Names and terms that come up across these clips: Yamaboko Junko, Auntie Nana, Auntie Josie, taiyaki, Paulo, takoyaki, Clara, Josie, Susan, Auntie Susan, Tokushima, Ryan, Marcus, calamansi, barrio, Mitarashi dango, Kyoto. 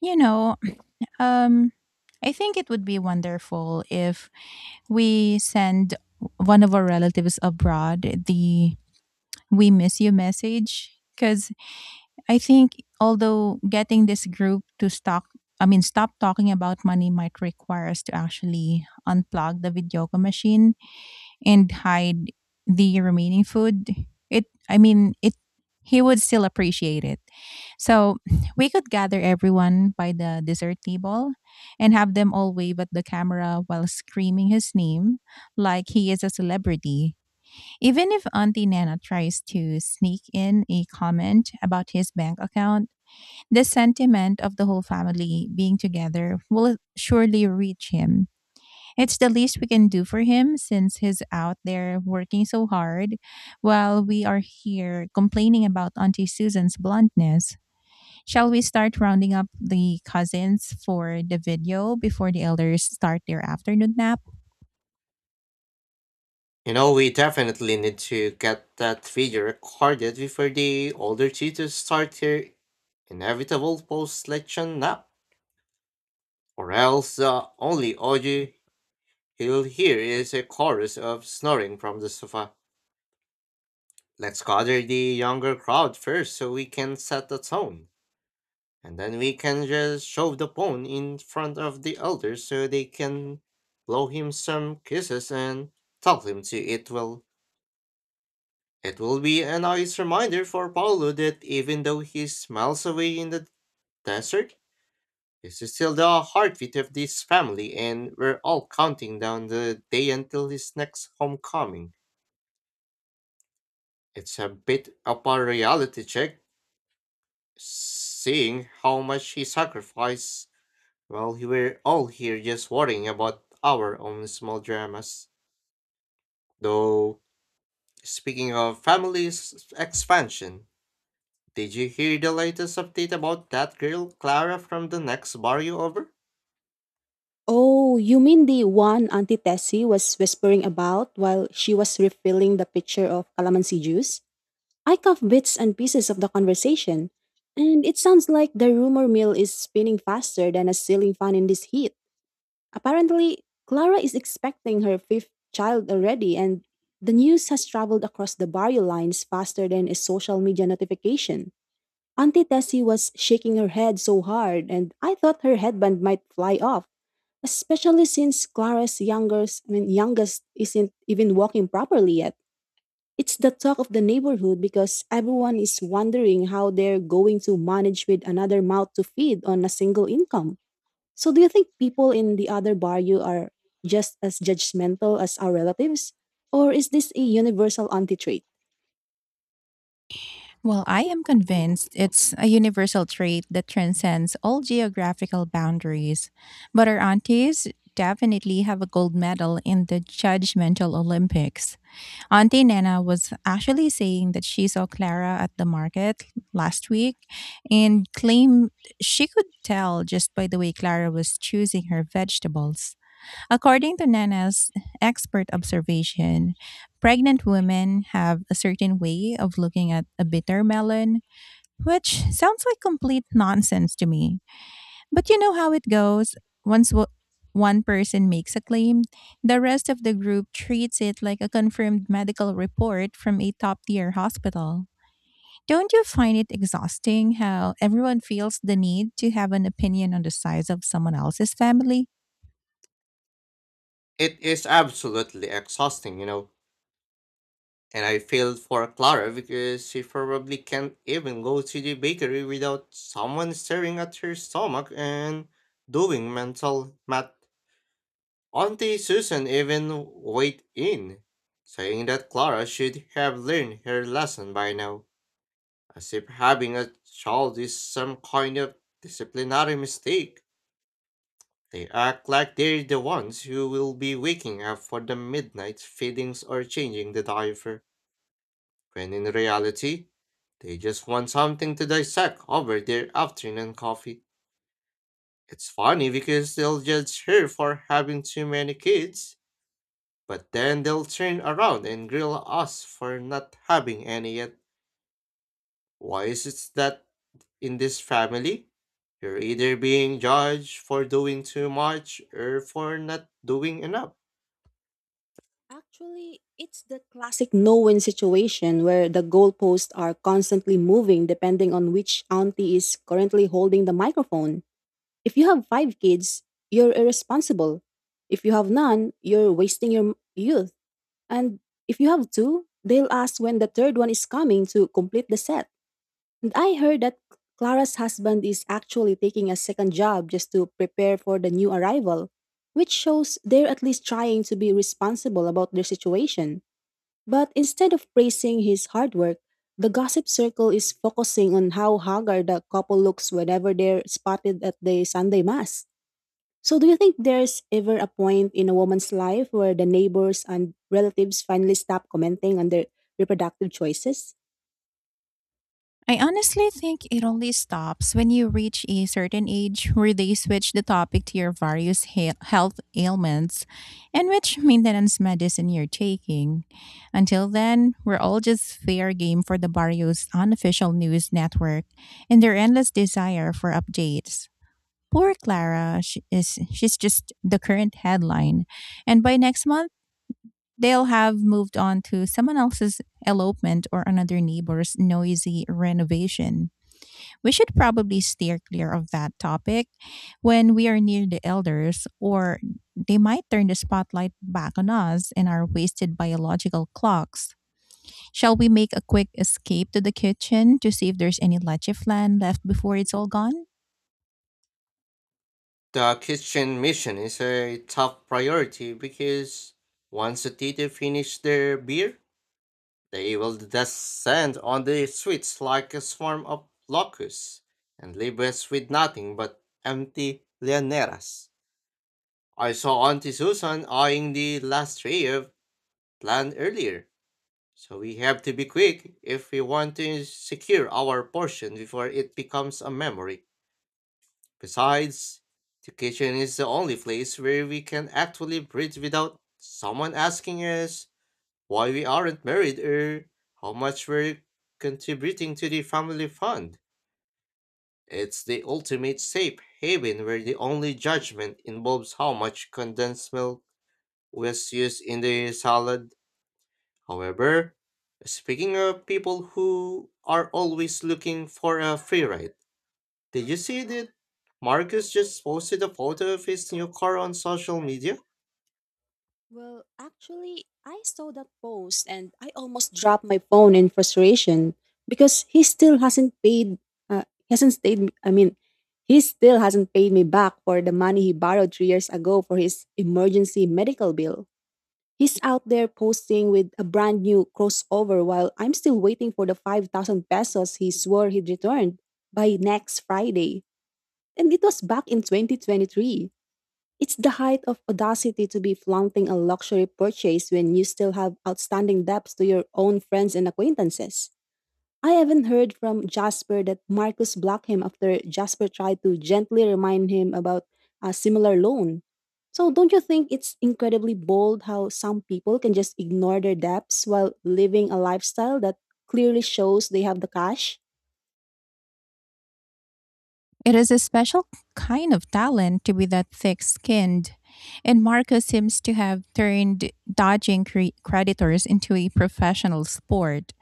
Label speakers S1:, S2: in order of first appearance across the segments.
S1: You know, um, I think it would be wonderful if we send one of our relatives abroad the "we miss you" message. Because I think, although getting this group to stop, I mean, stop talking about money might require us to actually unplug the videoca machine and hide the remaining food, it I mean it he would still appreciate it. So we could gather everyone by the dessert table and have them all wave at the camera while screaming his name like he is a celebrity. Even if Auntie Nana tries to sneak in a comment about his bank account, the sentiment of the whole family being together will surely reach him. It's the least we can do for him since he's out there working so hard while we are here complaining about Auntie Susan's bluntness. Shall we start rounding up the cousins for the video before the elders start their afternoon nap?
S2: You know, we definitely need to get that video recorded before the older tutors start their inevitable post-selection nap, or else the only audio he'll hear is a chorus of snoring from the sofa. Let's gather the younger crowd first so we can set the tone, and then we can just shove the phone in front of the elder so they can blow him some kisses and tell him to eat well. It will be a nice reminder for Paulo that even though he smiles away in the desert, this is still the heartbeat of this family, and we're all counting down the day until his next homecoming. It's a bit of a reality check, seeing how much he sacrificed while we were all here just worrying about our own small dramas. Though, speaking of families expansion, did you hear the latest update about that girl, Clara, from the next barrio over?
S3: Oh, you mean the one Auntie Tessie was whispering about while she was refilling the pitcher of calamansi juice? I caught bits and pieces of the conversation, and it sounds like the rumor mill is spinning faster than a ceiling fan in this heat. Apparently, Clara is expecting her fifth child already, and the news has traveled across the barrio lines faster than a social media notification. Auntie Tessie was shaking her head so hard, and I thought her headband might fly off especially since Clara's youngest, youngest isn't even walking properly yet. It's the talk of the neighborhood because everyone is wondering how they're going to manage with another mouth to feed on a single income. So, do you think people in the other barrio are just as judgmental as our relatives? Or is this a universal auntie trait?
S1: Well, I am convinced it's a universal trait that transcends all geographical boundaries. But our aunties definitely have a gold medal in the judgmental Olympics. Auntie Nana was actually saying that she saw Clara at the market last week and claimed she could tell just by the way Clara was choosing her vegetables. According to Nana's expert observation, pregnant women have a certain way of looking at a bitter melon, which sounds like complete nonsense to me. But you know how it goes. Once one person makes a claim, the rest of the group treats it like a confirmed medical report from a top tier hospital. Don't you find it exhausting how everyone feels the need to have an opinion on the size of someone else's family?
S2: It is absolutely exhausting, you know. And I feel for Clara because she probably can't even go to the bakery without someone staring at her stomach and doing mental math. Auntie Susan even weighed in, saying that Clara should have learned her lesson by now, as if having a child is some kind of disciplinary mistake. They act like they're the ones who will be waking up for the midnight feedings or changing the diaper, when in reality, they just want something to dissect over their afternoon coffee. It's funny because they'll judge her for having too many kids, but then they'll turn around and grill us for not having any yet. Why is it that in this family, you're either being judged for doing too much or for not doing enough?
S3: Actually, it's the classic no win situation where the goalposts are constantly moving depending on which auntie is currently holding the microphone. If you have five kids, you're irresponsible. If you have none, you're wasting your youth. And if you have two, they'll ask when the third one is coming to complete the set. And I heard that Clara's husband is actually taking a second job just to prepare for the new arrival, which shows they're at least trying to be responsible about their situation. But instead of praising his hard work, the gossip circle is focusing on how haggard the couple looks whenever they're spotted at the Sunday Mass. So, do you think there's ever a point in a woman's life where the neighbors and relatives finally stop commenting on their reproductive choices?
S1: I honestly think it only stops when you reach a certain age where they switch the topic to your various health ailments and which maintenance medicine you're taking. Until then, we're all just fair game for the barrio's unofficial news network and their endless desire for updates. Poor Clara, she's just the current headline, and by next month they'll have moved on to someone else's elopement or another neighbor's noisy renovation. We should probably steer clear of that topic when we are near the elders, or they might turn the spotlight back on us and our wasted biological clocks. Shall we make a quick escape to the kitchen to see if there's any leche flan left before it's all gone?
S2: The kitchen mission is a top priority because once the teacher finish their beer, they will descend on the streets like a swarm of locusts and leave us with nothing but empty llaneras. I saw Auntie Susan eyeing the last tray of plant earlier, so we have to be quick if we want to secure our portion before it becomes a memory. Besides, the kitchen is the only place where we can actually breathe without someone asking us why we aren't married or how much we're contributing to the family fund. It's the ultimate safe haven where the only judgment involves how much condensed milk was used in the salad. However, speaking of people who are always looking for a free ride, did you see that Marcus just posted a photo of his new car on social media?
S3: Well, actually, I saw that post and I almost dropped my phone in frustration because he still hasn't paid. He hasn't stayed. I mean, he still hasn't paid me back for the money he borrowed 3 years ago for his emergency medical bill. He's out there posting with a brand new crossover while I'm still waiting for the 5,000 pesos he swore he'd returned by next Friday. And it was back in 2023. It's the height of audacity to be flaunting a luxury purchase when you still have outstanding debts to your own friends and acquaintances. I haven't heard from Jasper that Marcus blocked him after Jasper tried to gently remind him about a similar loan. So, don't you think it's incredibly bold how some people can just ignore their debts while living a lifestyle that clearly shows they have the cash?
S1: It is a special kind of talent to be that thick skinned, and Marcus seems to have turned dodging creditors into a professional sport.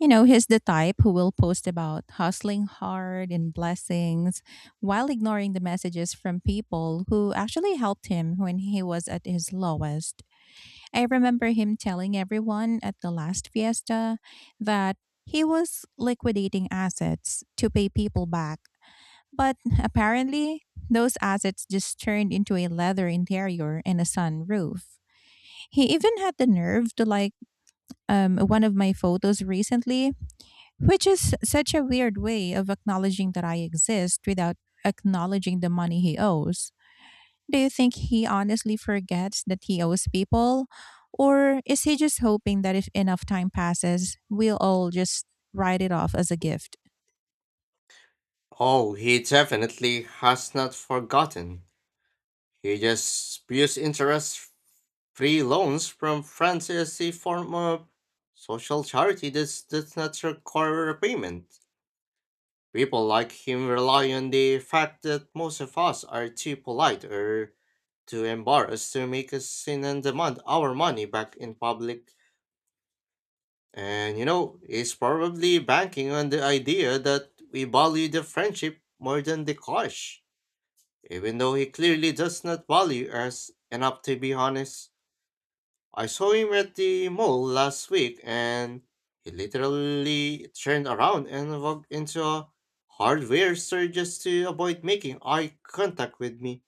S1: You know, he's the type who will post about hustling hard and blessings while ignoring the messages from people who actually helped him when he was at his lowest. I remember him telling everyone at the last fiesta that he was liquidating assets to pay people back. But apparently, those assets just turned into a leather interior and a sunroof. He even had the nerve to like one of my photos recently, which is such a weird way of acknowledging that I exist without acknowledging the money he owes. Do you think he honestly forgets that he owes people? Or is he just hoping that if enough time passes, we'll all just write it off as a gift?
S2: Oh, he definitely has not forgotten. He just spews interest free loans from France as a form of social charity that does not require repayment. People like him rely on the fact that most of us are too polite or too embarrassed to make a scene and demand our money back in public. And you know, it's probably banking on the idea that we value the friendship more than the cash, even though he clearly does not value us enough to be honest. I saw him at the mall last week and he literally turned around and walked into a hardware store just to avoid making eye contact with me.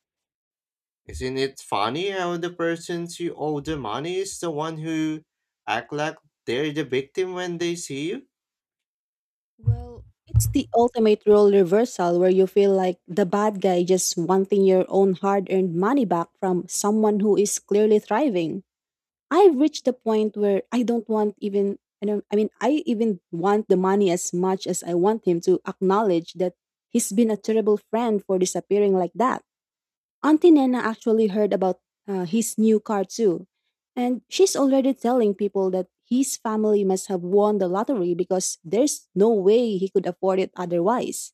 S2: Isn't it funny how the person who owe the money is the one who act like they're the victim when they see you?
S3: Well, it's the ultimate role reversal where you feel like the bad guy just wanting your own hard earned money back from someone who is clearly thriving. I've reached the point where I don't want even I don't I mean I even want the money as much as I want him to acknowledge that he's been a terrible friend for disappearing like that. Auntie Nena actually heard about his new car too, and she's already telling people that his family must have won the lottery because there's no way he could afford it otherwise.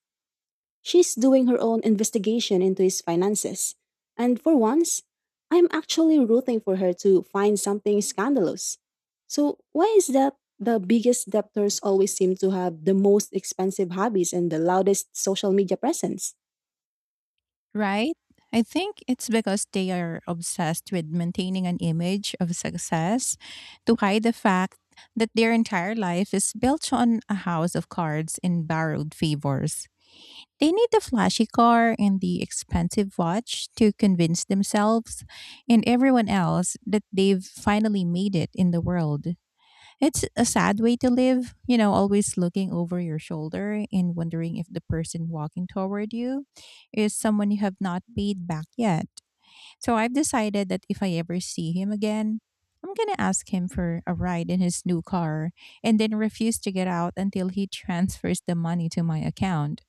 S3: She's doing her own investigation into his finances. And for once, I'm actually rooting for her to find something scandalous. So, why is that the biggest debtors always seem to have the most expensive hobbies and the loudest social media presence?
S1: Right? I think it's because they are obsessed with maintaining an image of success to hide the fact that their entire life is built on a house of cards and borrowed favors. They need the flashy car and the expensive watch to convince themselves and everyone else that they've finally made it in the world. It's a sad way to live, you know, always looking over your shoulder and wondering if the person walking toward you is someone you have not paid back yet. So I've decided that if I ever see him again, I'm going to ask him for a ride in his new car and then refuse to get out until he transfers the money to my account.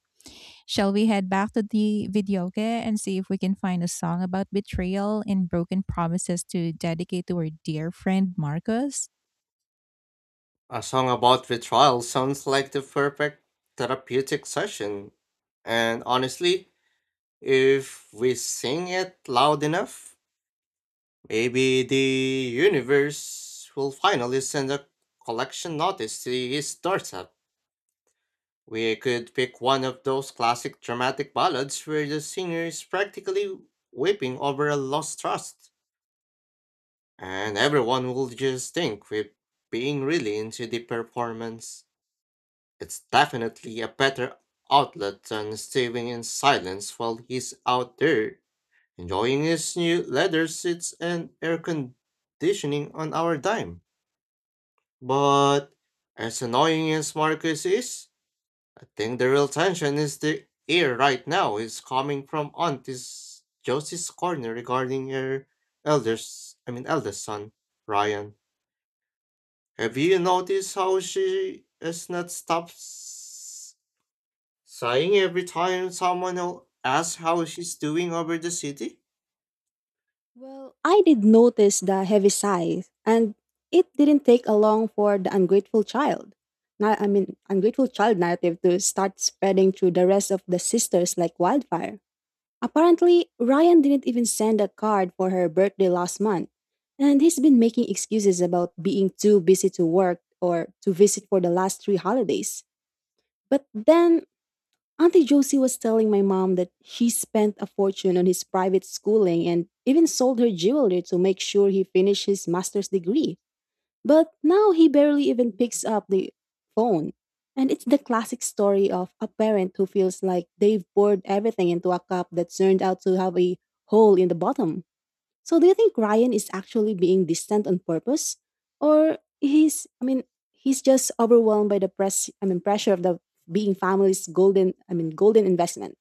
S1: Shall we head back to the videoke and see if we can find a song about betrayal and broken promises to dedicate to our dear friend Marcus?
S2: A song about withdrawal sounds like the perfect therapeutic session. And honestly, if we sing it loud enough, maybe the universe will finally send a collection notice to his doorstep. We could pick one of those classic dramatic ballads where the singer is practically weeping over a lost trust, and everyone will just think we're being really into the performance. It's definitely a better outlet than staying in silence while he's out there enjoying his new leather seats and air conditioning on our dime. But as annoying as Marcus is, I think the real tension is the air right now is coming from Auntie's Josie's corner regarding her elders I mean eldest son, Ryan. Have you noticed how she has not stopped sighing every time someone asks how she's doing over the city?
S3: Well, I did notice the heavy sigh, and it didn't take a long for the ungrateful child. Now, I mean, ungrateful child narrative to start spreading through the rest of the sisters like wildfire. Apparently, Ryan didn't even send a card for her birthday last month, and he's been making excuses about being too busy to work or to visit for the last three holidays. But then, Auntie Josie was telling my mom that she spent a fortune on his private schooling and even sold her jewelry to make sure he finished his master's degree. But now he barely even picks up the phone. And it's the classic story of a parent who feels like they've poured everything into a cup that turned out to have a hole in the bottom. So do you think Ryan is actually being distant on purpose? Or he's just overwhelmed by the pressure of the being family's golden I mean golden investment.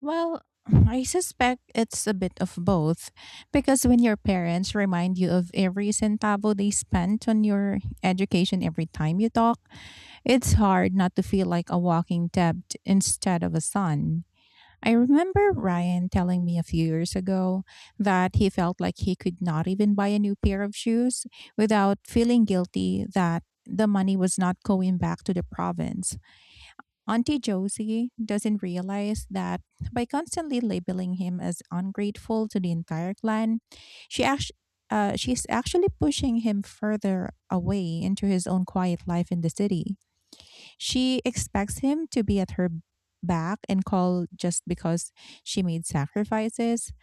S1: Well, I suspect it's a bit of both, because when your parents remind you of every centavo they spent on your education every time you talk, it's hard not to feel like a walking debt instead of a son. I remember Ryan telling me a few years ago that he felt like he could not even buy a new pair of shoes without feeling guilty that the money was not going back to the province. Auntie Josie doesn't realize that by constantly labeling him as ungrateful to the entire clan, she act- she's actually pushing him further away into his own quiet life in the city. She expects him to be at her back and call just because she made sacrifices,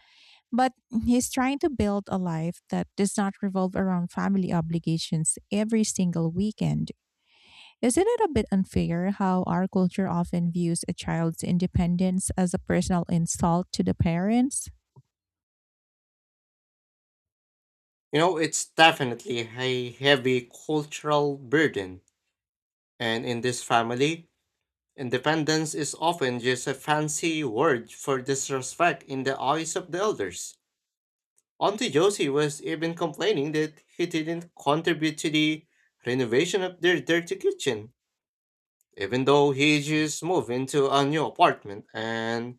S1: but he's trying to build a life that does not revolve around family obligations every single weekend. Isn't it a bit unfair how our culture often views a child's independence as a personal insult to the parents?
S2: You know, it's definitely a heavy cultural burden. And in this family, independence is often just a fancy word for disrespect in the eyes of the elders. Auntie Josie was even complaining that he didn't contribute to the renovation of their dirty kitchen even though he just moved into a new apartment and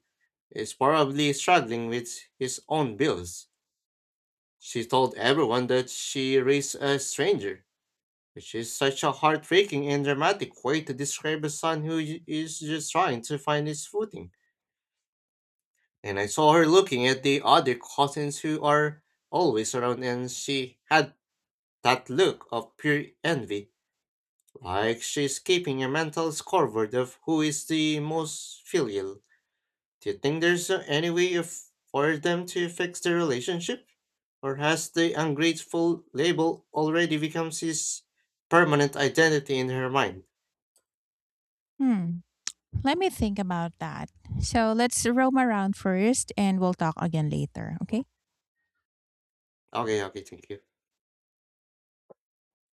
S2: is probably struggling with his own bills. She told everyone that she raised a stranger, which is such a heartbreaking and dramatic way to describe a son who is just trying to find his footing. And I saw her looking at the other cousins who are always around, and she had that look of pure envy, like she's keeping a mental scoreboard of who is the most filial. Do you think there's any way of, for them to fix the relationship? Or has the ungrateful label already become his permanent identity in her mind?
S1: Hmm, let me think about that. So let's roam around first and we'll talk again later, okay?
S2: Okay, okay, thank you.